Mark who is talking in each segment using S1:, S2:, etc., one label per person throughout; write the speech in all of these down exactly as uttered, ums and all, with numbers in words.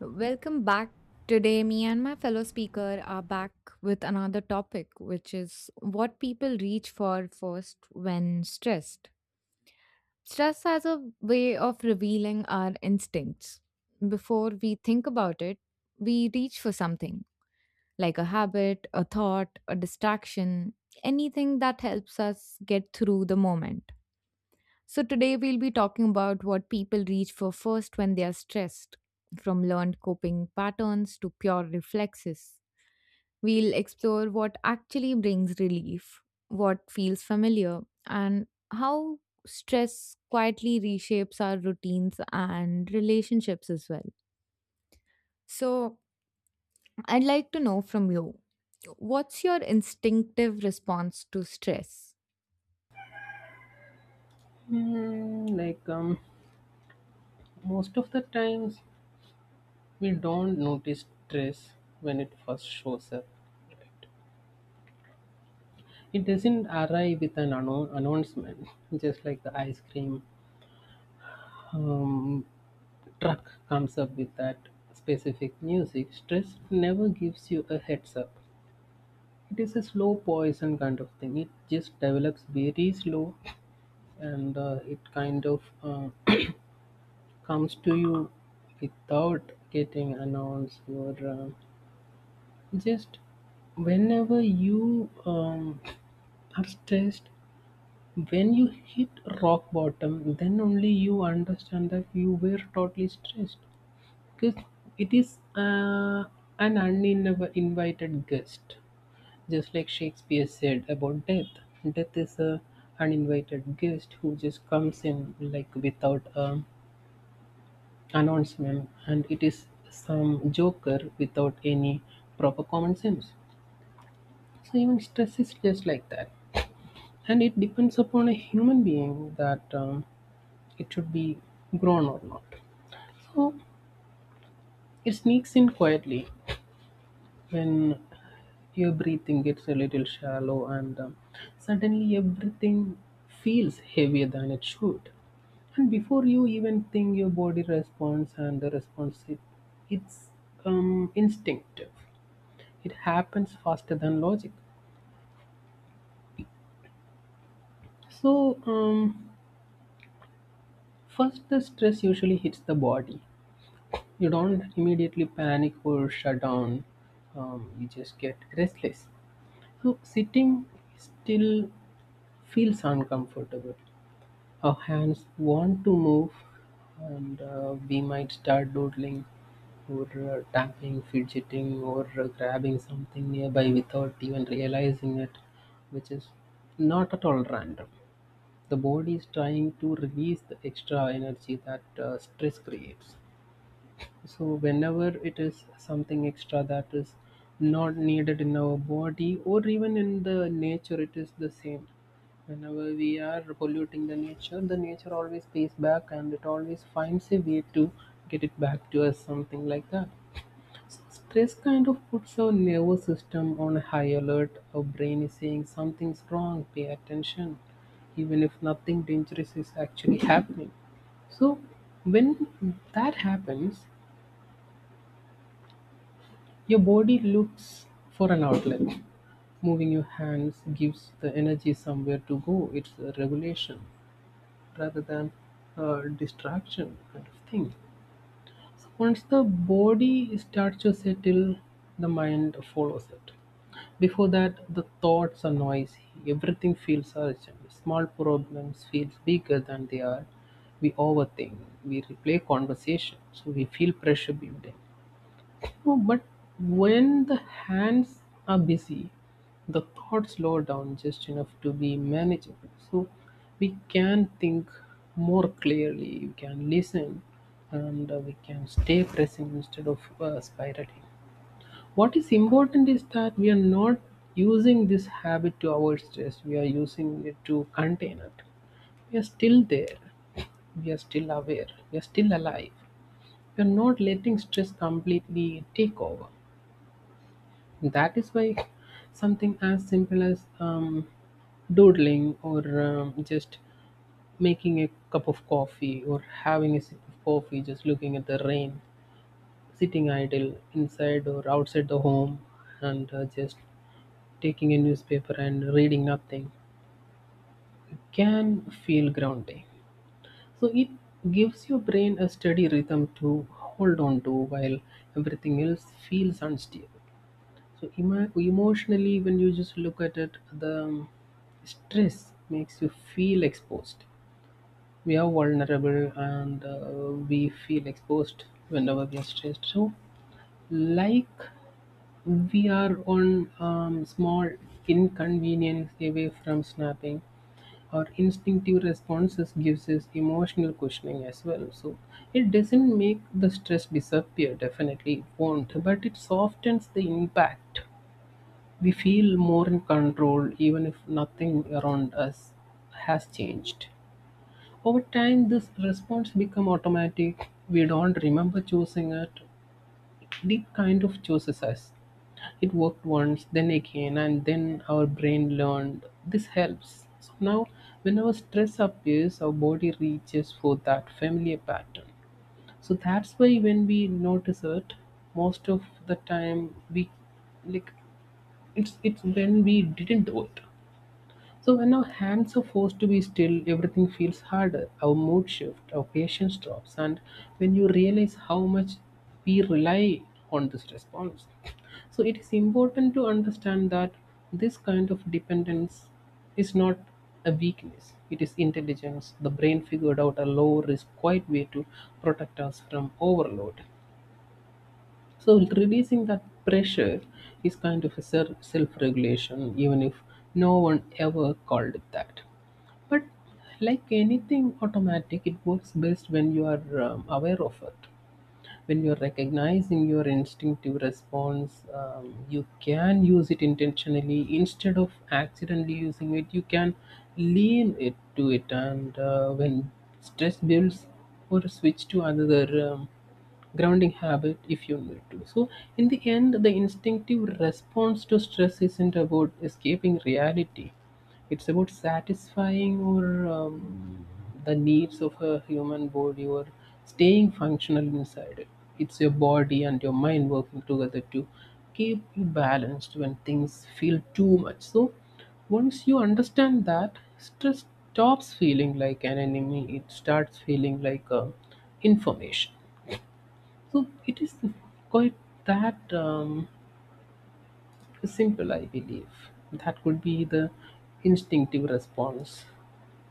S1: Welcome back. Today, me and my fellow speaker are back with another topic, which is what people reach for first when stressed. Stress has a way of revealing our instincts. Before we think about it, we reach for something like a habit, a thought, a distraction, anything that helps us get through the moment. So, today we'll be talking about what people reach for first when they are stressed, from learned coping patterns to pure reflexes. We'll explore what actually brings relief, what feels familiar, and how stress quietly reshapes our routines and relationships as well. So, I'd like to know from you, what's your instinctive response to stress?
S2: Hmm, like um, Most of the times, we don't notice stress when it first shows up. It doesn't arrive with an anno- announcement, just like the ice cream um, truck comes up with that specific music. Stress never gives you a heads up. It is a slow poison kind of thing. It just develops very slow, and uh, it kind of uh, comes to you without getting announced or uh, just whenever you um, are stressed, when you hit rock bottom, then only you understand that you were totally stressed, because it is uh, an uninvited guest, just like Shakespeare said about death. Death is a uninvited guest who just comes in like without a announcement, and it is some joker without any proper common sense. So even stress is just like that, and it depends upon a human being that um, it should be grown or not. So it sneaks in quietly when your breathing gets a little shallow, and um, suddenly everything feels heavier than it should. And before you even think, your body responds, and the response it, it's um, instinctive. It happens faster than logic. So um, First, the stress usually hits the body. You don't immediately panic or shut down, um, you just get restless. So, sitting still feels uncomfortable. Our hands want to move, and uh, we might start doodling or uh, tapping, fidgeting, or uh, grabbing something nearby without even realizing it, which is not at all random. The body is trying to release the extra energy that uh, stress creates. So whenever it is something extra that is not needed in our body or even in the nature, it is the same. Whenever we are polluting the nature, the nature always pays back, and it always finds a way to get it back to us, something like that. Stress kind of puts our nervous system on a high alert. Our brain is saying something's wrong, pay attention, even if nothing dangerous is actually happening. So, when that happens, your body looks for an outlet. Moving your hands gives the energy somewhere to go. It's a regulation rather than a distraction kind of thing. Once the body starts to settle, the mind follows it. Before that, the thoughts are noisy. Everything feels urgent. Small problems feel bigger than they are. We overthink. We replay conversations. We feel pressure building. Oh, but when the hands are busy, the thoughts slow down just enough to be manageable. So we can think more clearly, we can listen, and uh, we can stay present instead of uh, spiraling. What is important is that we are not using this habit to our stress, we are using it to contain it. We are still there, we are still aware, we are still alive. We are not letting stress completely take over. That is why something as simple as um, doodling or um, just making a cup of coffee or having a sip of coffee, just looking at the rain, sitting idle inside or outside the home, and uh, just taking a newspaper and reading nothing can feel grounding. So it gives your brain a steady rhythm to hold on to while everything else feels unstable. So emo- emotionally, when you just look at it, the stress makes you feel exposed. We are vulnerable, and uh, we feel exposed whenever we are stressed. So, like, we are on um, small inconvenience away from snapping. Our instinctive responses gives us emotional cushioning as well. So, it doesn't make the stress disappear. Definitely, it won't, but it softens the impact. We feel more in control even if nothing around us has changed. Over time, this response becomes automatic. We don't remember choosing it. It kind of chooses us. It worked once, then again, and then our brain learned this helps. So now, when our stress appears, our body reaches for that familiar pattern. So that's why when we notice it, most of the time we, like, it's it's when we didn't do it. So when our hands are forced to be still, everything feels harder. Our mood shift, our patience drops, and when you realize how much we rely on this response. So it is important to understand that this kind of dependence is not a weakness. It is intelligence. The brain figured out a low risk, quiet way to protect us from overload. So releasing that pressure is kind of a self regulation, even if no one ever called it that. But like anything automatic, it works best when you are um, aware of it. When you're recognizing your instinctive response, um, you can use it intentionally instead of accidentally using it. You can lean it to it, and uh, when stress builds, or switch to another um, grounding habit if you need to. So, in the end, the instinctive response to stress isn't about escaping reality. It's about satisfying, or um, the needs of a human body, or staying functional inside it. It's your body and your mind working together to keep you balanced when things feel too much. So once you understand that, stress stops feeling like an enemy. It starts feeling like uh, information. So it is quite that um, simple, I believe. That could be the instinctive response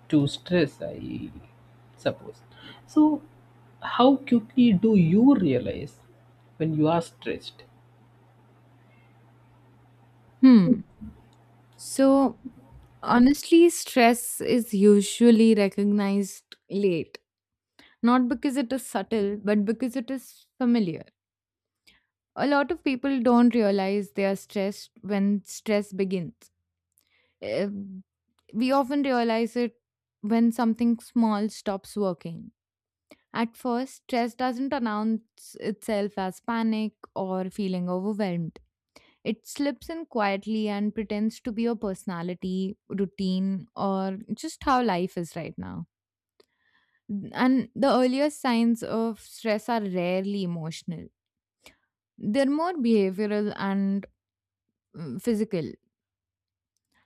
S2: to stress, I suppose. So, how quickly do you realize when you are stressed?
S1: Hmm. So, honestly, stress is usually recognized late, not because it is subtle, but because it is familiar. A lot of people don't realize they are stressed when stress begins. Uh, We often realize it when something small stops working. At first, stress doesn't announce itself as panic or feeling overwhelmed. It slips in quietly and pretends to be your personality, routine, or just how life is right now. And the earliest signs of stress are rarely emotional, they're more behavioral and mm, physical.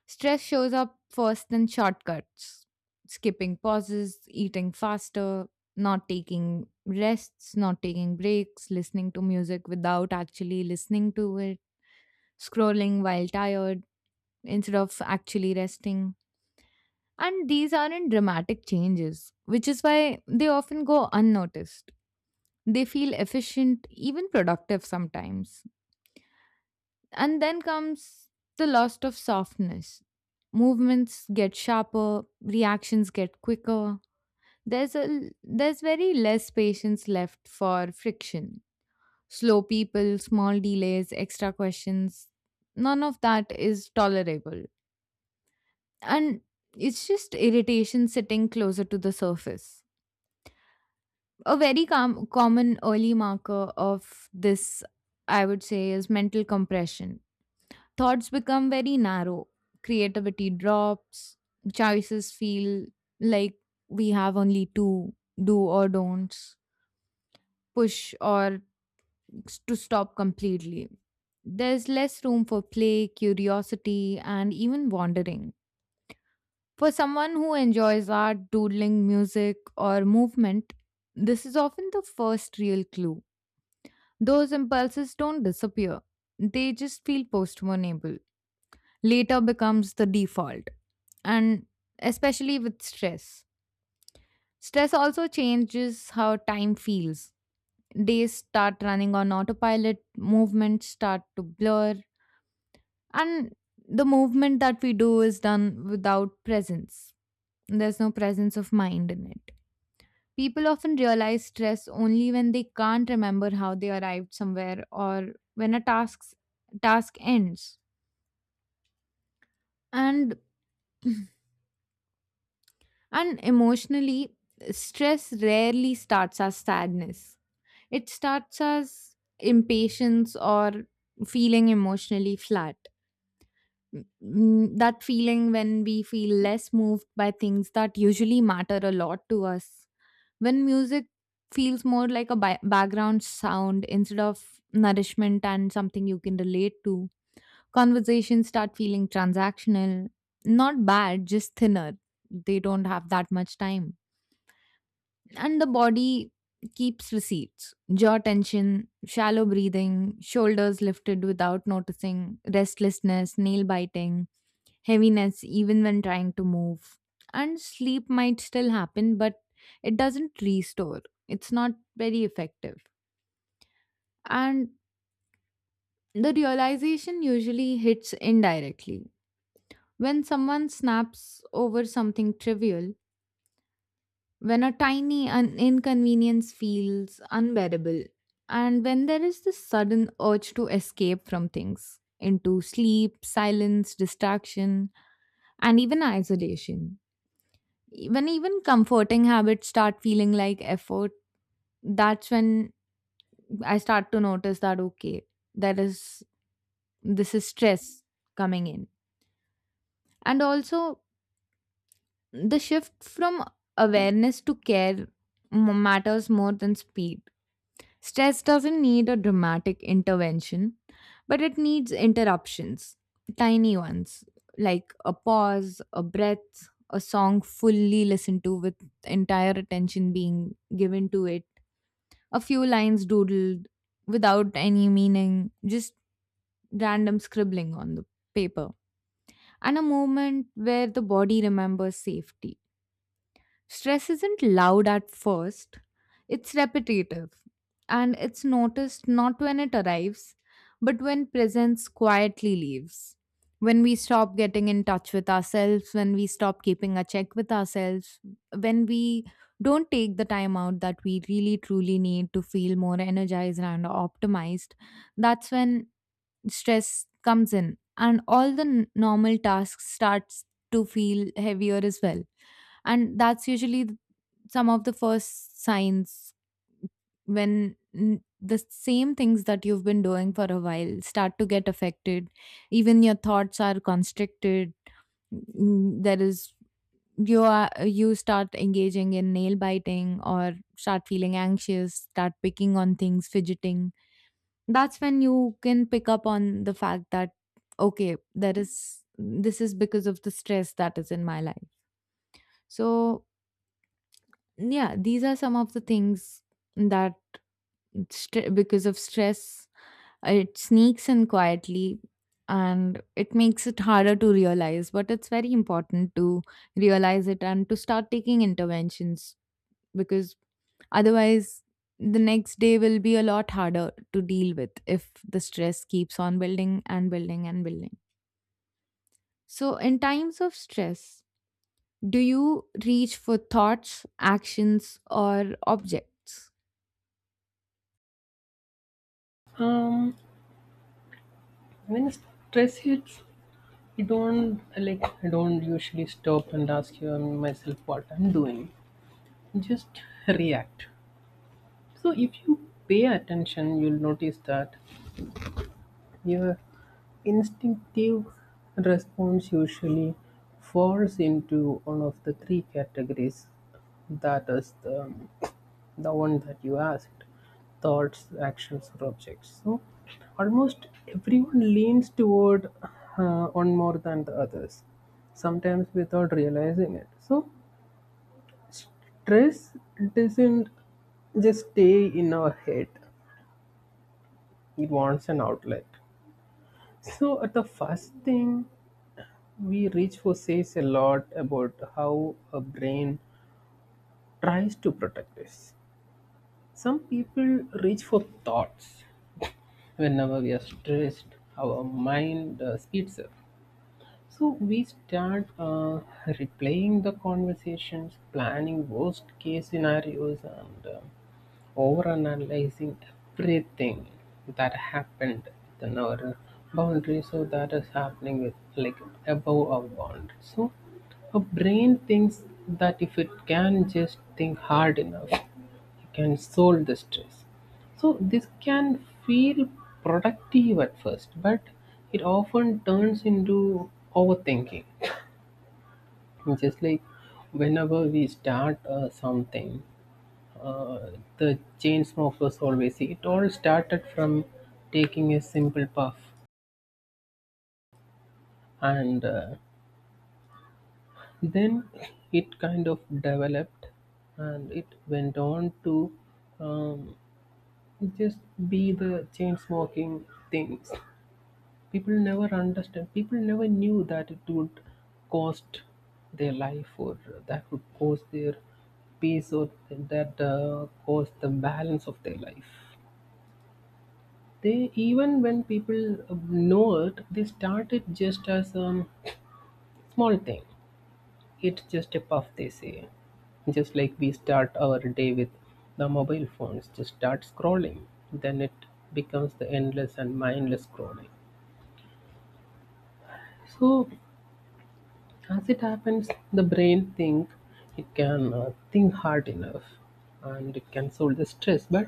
S1: Stress shows up first in shortcuts, skipping pauses, eating faster, not taking rests, not taking breaks, listening to music without actually listening to it, scrolling while tired instead of actually resting. And these aren't dramatic changes, which is why they often go unnoticed. They feel efficient, even productive sometimes. And then comes the loss of softness. Movements get sharper, reactions get quicker. There's a there's very less patience left for friction. Slow people, small delays, extra questions. None of that is tolerable. And it's just irritation sitting closer to the surface. A very com- common early marker of this, I would say, is mental compression. Thoughts become very narrow, creativity drops, choices feel like we have only two, do or don'ts, push or s- to stop completely. There's less room for play, curiosity, and even wandering. For someone who enjoys art, doodling, music, or movement, this is often the first real clue. Those impulses don't disappear, they just feel postponable. Later becomes the default, and especially with stress. Stress also changes how time feels. Days start running on autopilot, movements start to blur, and the movement that we do is done without presence. There's no presence of mind in it. People often realize stress only when they can't remember how they arrived somewhere or when a task's task ends. And and emotionally, stress rarely starts as sadness. It starts as impatience or feeling emotionally flat. Mm, mm, that feeling when we feel less moved by things that usually matter a lot to us. When music feels more like a bi- background sound instead of nourishment and something you can relate to, conversations start feeling transactional. Not bad, just thinner. They don't have that much time. And the body keeps receipts: jaw tension, shallow breathing, shoulders lifted without noticing, restlessness, nail biting, heaviness, even when trying to move. And sleep might still happen, but it doesn't restore. It's not very effective. And the realization usually hits indirectly. When someone snaps over something trivial, when a tiny un- inconvenience feels unbearable, and when there is this sudden urge to escape from things into sleep, silence, distraction, and even isolation. When even comforting habits start feeling like effort, that's when I start to notice that, okay, there is this is stress coming in. And also, the shift from awareness to care m- matters more than speed. Stress doesn't need a dramatic intervention, but it needs interruptions, tiny ones, like a pause, a breath, a song fully listened to with entire attention being given to it, a few lines doodled without any meaning, just random scribbling on the paper, and a moment where the body remembers safety. Stress isn't loud at first, it's repetitive, and it's noticed not when it arrives, but when presence quietly leaves. When we stop getting in touch with ourselves, when we stop keeping a check with ourselves, when we don't take the time out that we really truly need to feel more energized and optimized, that's when stress comes in, and all the n- normal tasks starts to feel heavier as well, and that's usually some of the first signs, when n- the same things that you've been doing for a while start to get affected, even your thoughts are constricted. Mm, there is you are you start engaging in nail biting, or start feeling anxious, start picking on things, fidgeting. That's when you can pick up on the fact that, okay, there is this is because of the stress that is in my life. So, yeah, these are some of the things that, St- because of stress, uh, it sneaks in quietly and it makes it harder to realize. But it's very important to realize it and to start taking interventions, because otherwise, the next day will be a lot harder to deal with if the stress keeps on building and building and building. So, in times of stress, do you reach for thoughts, actions, or objects?
S2: Um, when stress hits, I don't like. I don't usually stop and ask um, myself what I'm doing. Just react. So if you pay attention, you'll notice that your instinctive response usually falls into one of the three categories, that is, the, the one that you asked: thoughts, actions, or objects. So, almost everyone leans toward uh, one more than the others, sometimes without realizing it. So, stress doesn't just stay in our head, it wants an outlet. So, uh, the first thing we reach for says a lot about how a brain tries to protect us. Some people reach for thoughts. Whenever we are stressed, our mind uh, speeds up. So we start uh, replaying the conversations, planning worst case scenarios, and uh, over analyzing everything that happened within our boundary. So that is happening with, like, above our boundary. So our brain thinks that if it can just think hard enough, it can solve the stress. So this can feel productive at first, but it often turns into overthinking. Just like whenever we start uh, something, uh, the chain smokers always say it all started from taking a simple puff, and uh, then it kind of developed, and it went on to um, just be the chain smoking things. People never understand. People never knew that it would cost their life, or that would cost their peace, or that uh, cost the balance of their life. They, even when people know it, they start it just as a small thing. It's just a puff, they say. Just like we start our day with the mobile phones, just start scrolling. Then it becomes the endless and mindless scrolling. So as it happens, the brain think it can uh, think hard enough and it can solve the stress. But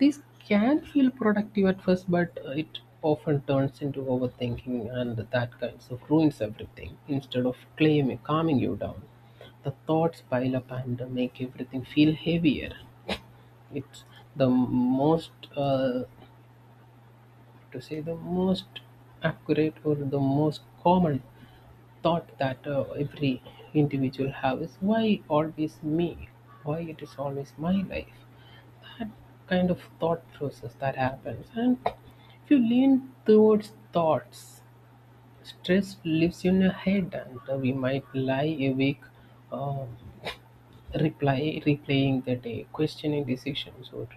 S2: this can feel productive at first, but uh, it often turns into overthinking, and that kind of ruins everything. Instead of claiming, calming you down, the thoughts pile up, and uh, make everything feel heavier. It's the most, uh, to say, the most accurate or the most common thought that uh, every individual have is, why always me, why it is always my life, that kind of thought process that happens. And if you lean towards thoughts, stress lives in your head, and uh, we might lie awake, uh, reply replaying the day, questioning decisions, or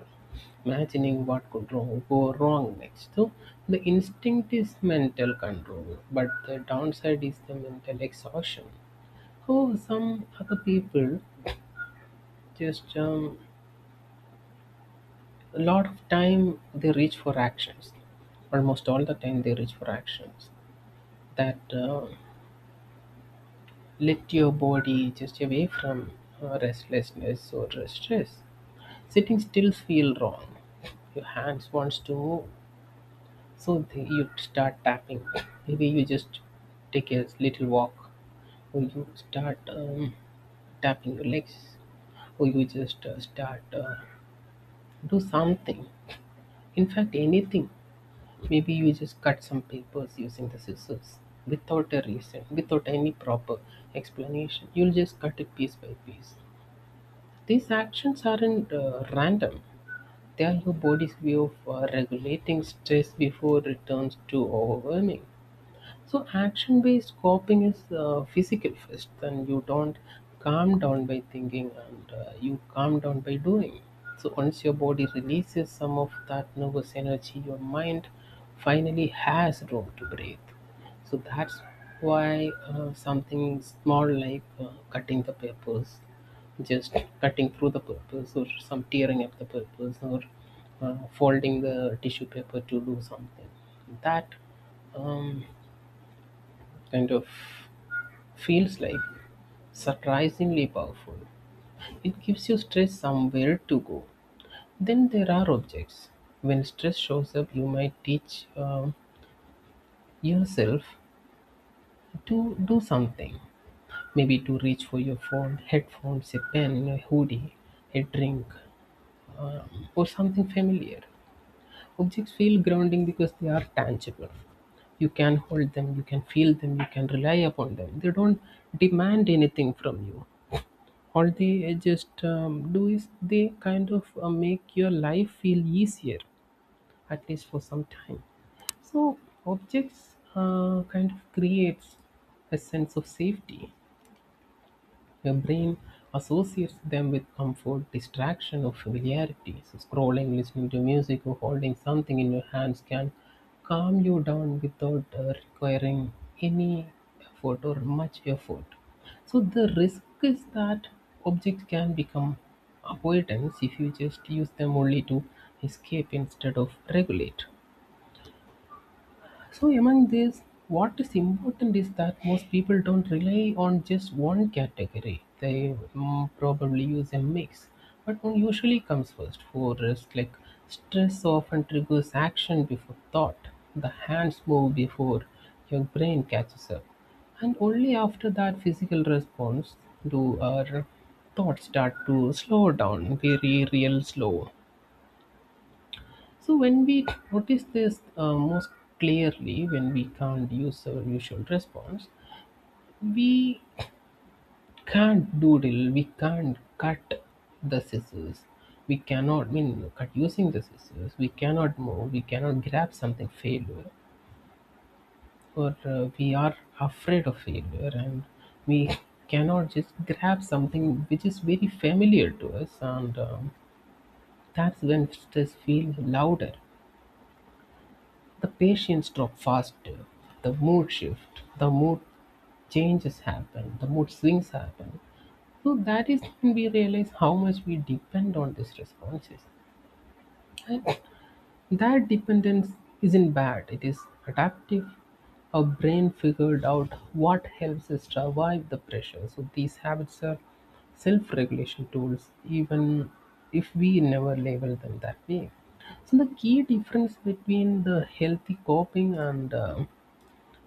S2: imagining what could wrong, go wrong next. So the instinct is mental control, but the downside is the mental exhaustion. Oh, some other people just um, a lot of time they reach for actions. Almost all the time they reach for actions that uh, let your body just away from uh, restlessness or stress. Sitting still feel wrong. Your hands wants to move, so they, you start tapping. Maybe you just take a little walk, or you start um, tapping your legs, or you just uh, start uh, do something, in fact anything. Maybe you just cut some papers using the scissors without a reason, without any proper explanation. You'll just cut it piece by piece. These actions aren't uh, random. They are your body's way of uh, regulating stress before it turns too overwhelming. So action based coping is uh, physical first, and you don't calm down by thinking, and uh, you calm down by doing. So once your body releases some of that nervous energy, your mind finally has room to breathe. So that's why uh, something small like uh, cutting the papers, just cutting through the papers, or some tearing up the papers, or uh, folding the tissue paper to do something, that um, kind of feels like surprisingly powerful. It gives you stress somewhere to go. Then there are objects. When stress shows up, you might teach um, yourself to do something. Maybe to reach for your phone, headphones, a pen, a hoodie, a drink, uh, or something familiar. Objects feel grounding because they are tangible. You can hold them, you can feel them, you can rely upon them. They don't demand anything from you. All they just um, do is they kind of uh, make your life feel easier, at least for some time. So objects uh, kind of creates a sense of safety. Your brain associates them with comfort, distraction, or familiarity. So scrolling, listening to music, or holding something in your hands can calm you down without uh, requiring any effort or much effort. So the risk is that objects can become avoidance if you just use them only to escape instead of regulate. So among these, what is important is that most people don't rely on just one category. They mm, probably use a mix, but one usually comes first for rest. Like stress often triggers action before thought. The hands move before your brain catches up, and only after that physical response do our thoughts start to slow down, very real slow. So when we notice this uh, most clearly, when we can't use our usual response, we can't doodle, we can't cut the scissors, we cannot mean cut using the scissors, we cannot move, we cannot grab something failure, or uh, we are afraid of failure, and we cannot just grab something which is very familiar to us, and um, that's when stress feels louder. The patients drop faster, the mood shift. The mood changes happen, the mood swings happen. So that is when we realize how much we depend on these responses. And that dependence isn't bad, it is adaptive. Our brain figured out what helps us survive the pressure. So these habits are self regulation tools, even if we never label them that way. So the key difference between the healthy coping and uh,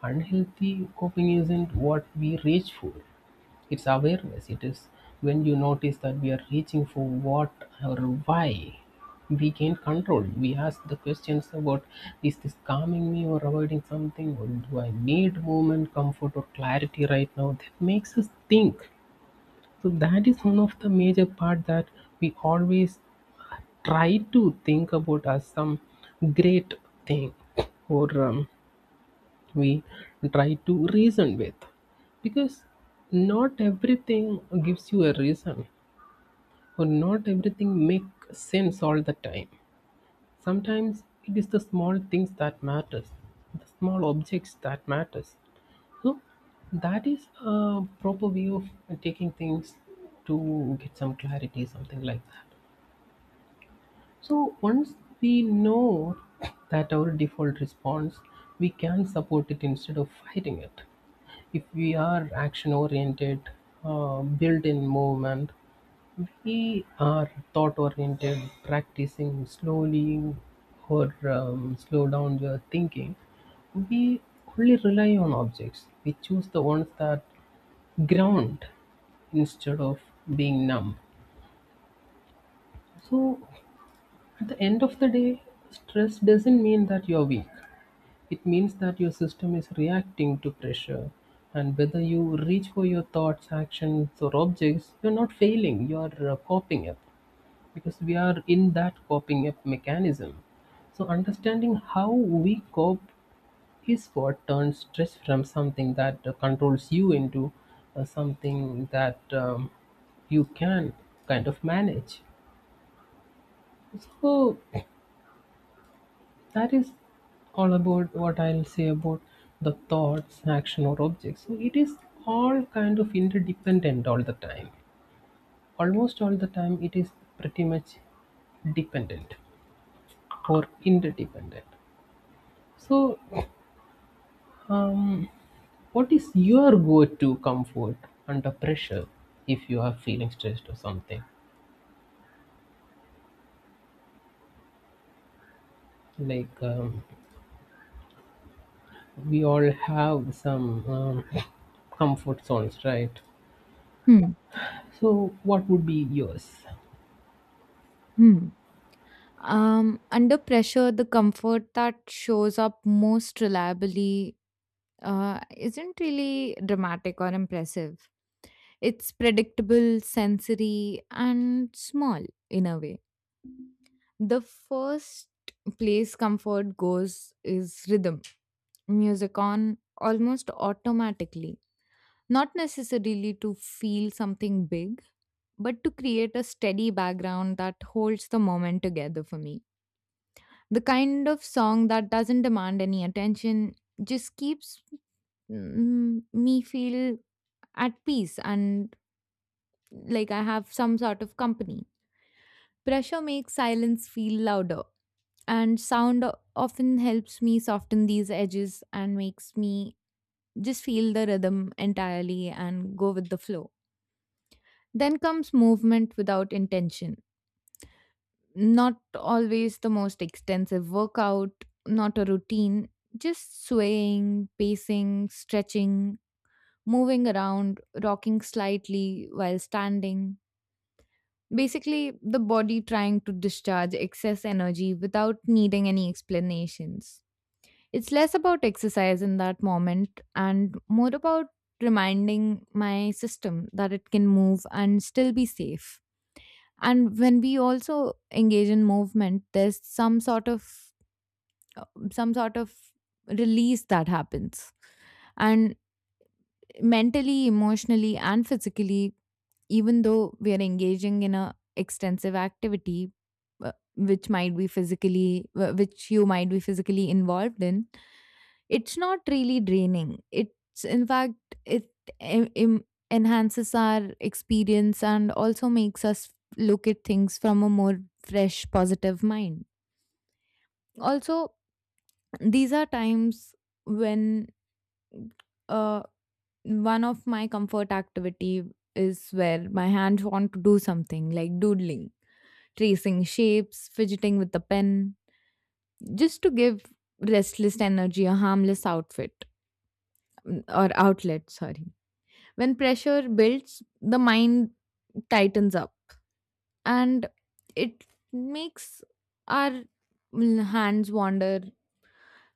S2: unhealthy coping isn't what we reach for. It's awareness. It is when you notice that we are reaching for what or why we gain control. We ask the questions about is this calming me or avoiding something, or do I need movement, comfort, or clarity right now? That makes us think. So, that is one of the major part that we always try to think about as some great thing or um, we try to reason with, because not everything gives you a reason, or not everything makes sense all the time. Sometimes it is the small things that matters, the small objects that matters. So that is a proper way of taking things to get some clarity, something like that. So once we know that our default response, we can support it instead of fighting it. If we are action oriented, uh, built in movement, we are thought oriented, practicing slowly or um, slow down your thinking, we only rely on objects. We choose the ones that ground instead of being numb. So at the end of the day, stress doesn't mean that you're weak. It means that your system is reacting to pressure. And whether you reach for your thoughts, actions, or objects, you're not failing, you're uh, coping up, because we are in that coping up mechanism. So, understanding how we cope is what turns stress from something that uh, controls you into uh, something that um, you can kind of manage. So, that is all about what I'll say about the thoughts, action, or objects. So it is all kind of interdependent all the time. Almost all the time, it is pretty much dependent or interdependent. So, um, what is your go to comfort under pressure if you are feeling stressed or something? Like, um, we all have some um, comfort zones, right?
S1: Hmm.
S2: So, what would be yours?
S1: Hmm. Um, under pressure, the comfort that shows up most reliably uh, isn't really dramatic or impressive. It's predictable, sensory, and small in a way. The first place comfort goes is rhythm, music on almost automatically, not necessarily to feel something big, but to create a steady background that holds the moment together for me. The kind of song that doesn't demand any attention, just keeps mm, me feel at peace and like I have some sort of company. Pressure makes silence feel louder, and sound o- often helps me soften these edges and makes me just feel the rhythm entirely and go with the flow. Then comes movement without intention. Not always the most extensive workout, not a routine, just swaying, pacing, stretching, moving around, rocking slightly while standing. Basically, the body trying to discharge excess energy without needing any explanations. It's less about exercise in that moment and more about reminding my system that it can move and still be safe. And when we also engage in movement, there's some sort of uh, some sort of release that happens, and mentally, emotionally, and physically. Even though we are engaging in a extensive activity uh, which might be physically wh- which you might be physically involved in, it's not really draining. It's in fact, it en- em- enhances our experience and also makes us look at things from a more fresh, positive mind. Also, these are times when uh, one of my comfort activity is where my hands want to do something, like doodling, tracing shapes, fidgeting with the pen, just to give restless energy a harmless outfit, mm, or outlet, sorry. When pressure builds, the mind tightens up, and it makes our mm, hands wander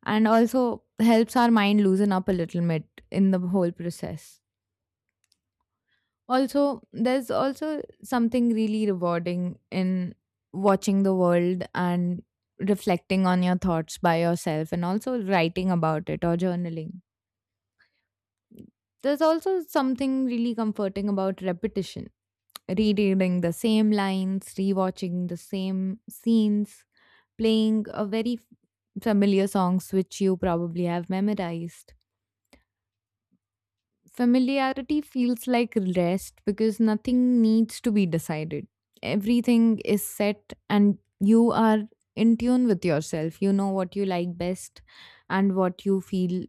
S1: and also helps our mind loosen up a little bit in the whole process. Also, there's also something really rewarding in watching the world and reflecting on your thoughts by yourself and also writing about it or journaling. There's also something really comforting about repetition, rereading the same lines, rewatching the same scenes, playing a very f- familiar songs which you probably have memorized. Familiarity feels like rest because nothing needs to be decided. Everything is set and you are in tune with yourself. You know what you like best and what you feel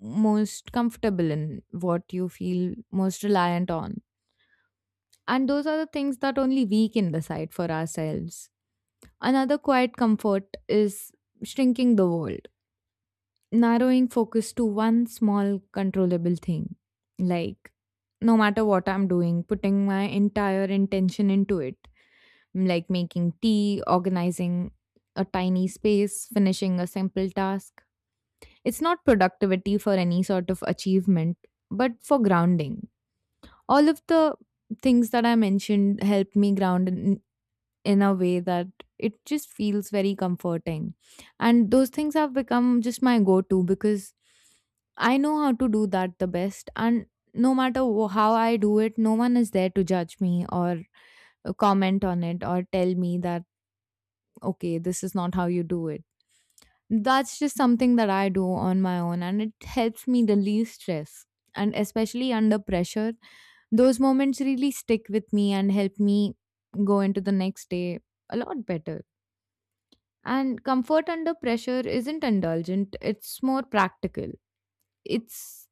S1: most comfortable in, what you feel most reliant on. And those are the things that only we can decide for ourselves. Another quiet comfort is shrinking the world, narrowing focus to one small controllable thing. Like, no matter what I'm doing, putting my entire intention into it. Like making tea, organizing a tiny space, finishing a simple task. It's not productivity for any sort of achievement, but for grounding. All of the things that I mentioned help me ground in in a way that it just feels very comforting. And those things have become just my go to because I know how to do that the best. And no matter wh- how I do it, no one is there to judge me or uh, comment on it or tell me that, okay, this is not how you do it. That's just something that I do on my own and it helps me relieve stress. And especially under pressure, those moments really stick with me and help me go into the next day a lot better. And comfort under pressure isn't indulgent, it's more practical. It's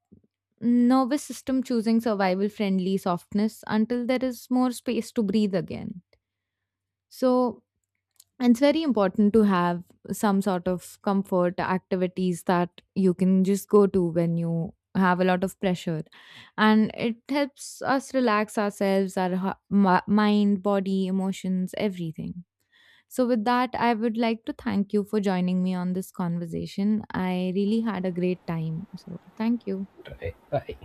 S1: nervous system choosing survival friendly softness until there is more space to breathe again. So it's very important to have some sort of comfort activities that you can just go to when you have a lot of pressure, and it helps us relax ourselves, our h- mi- mind, body, emotions, everything. So, with that, I would like to thank you for joining me on this conversation. I really had a great time. So, thank you.
S2: Right. Bye.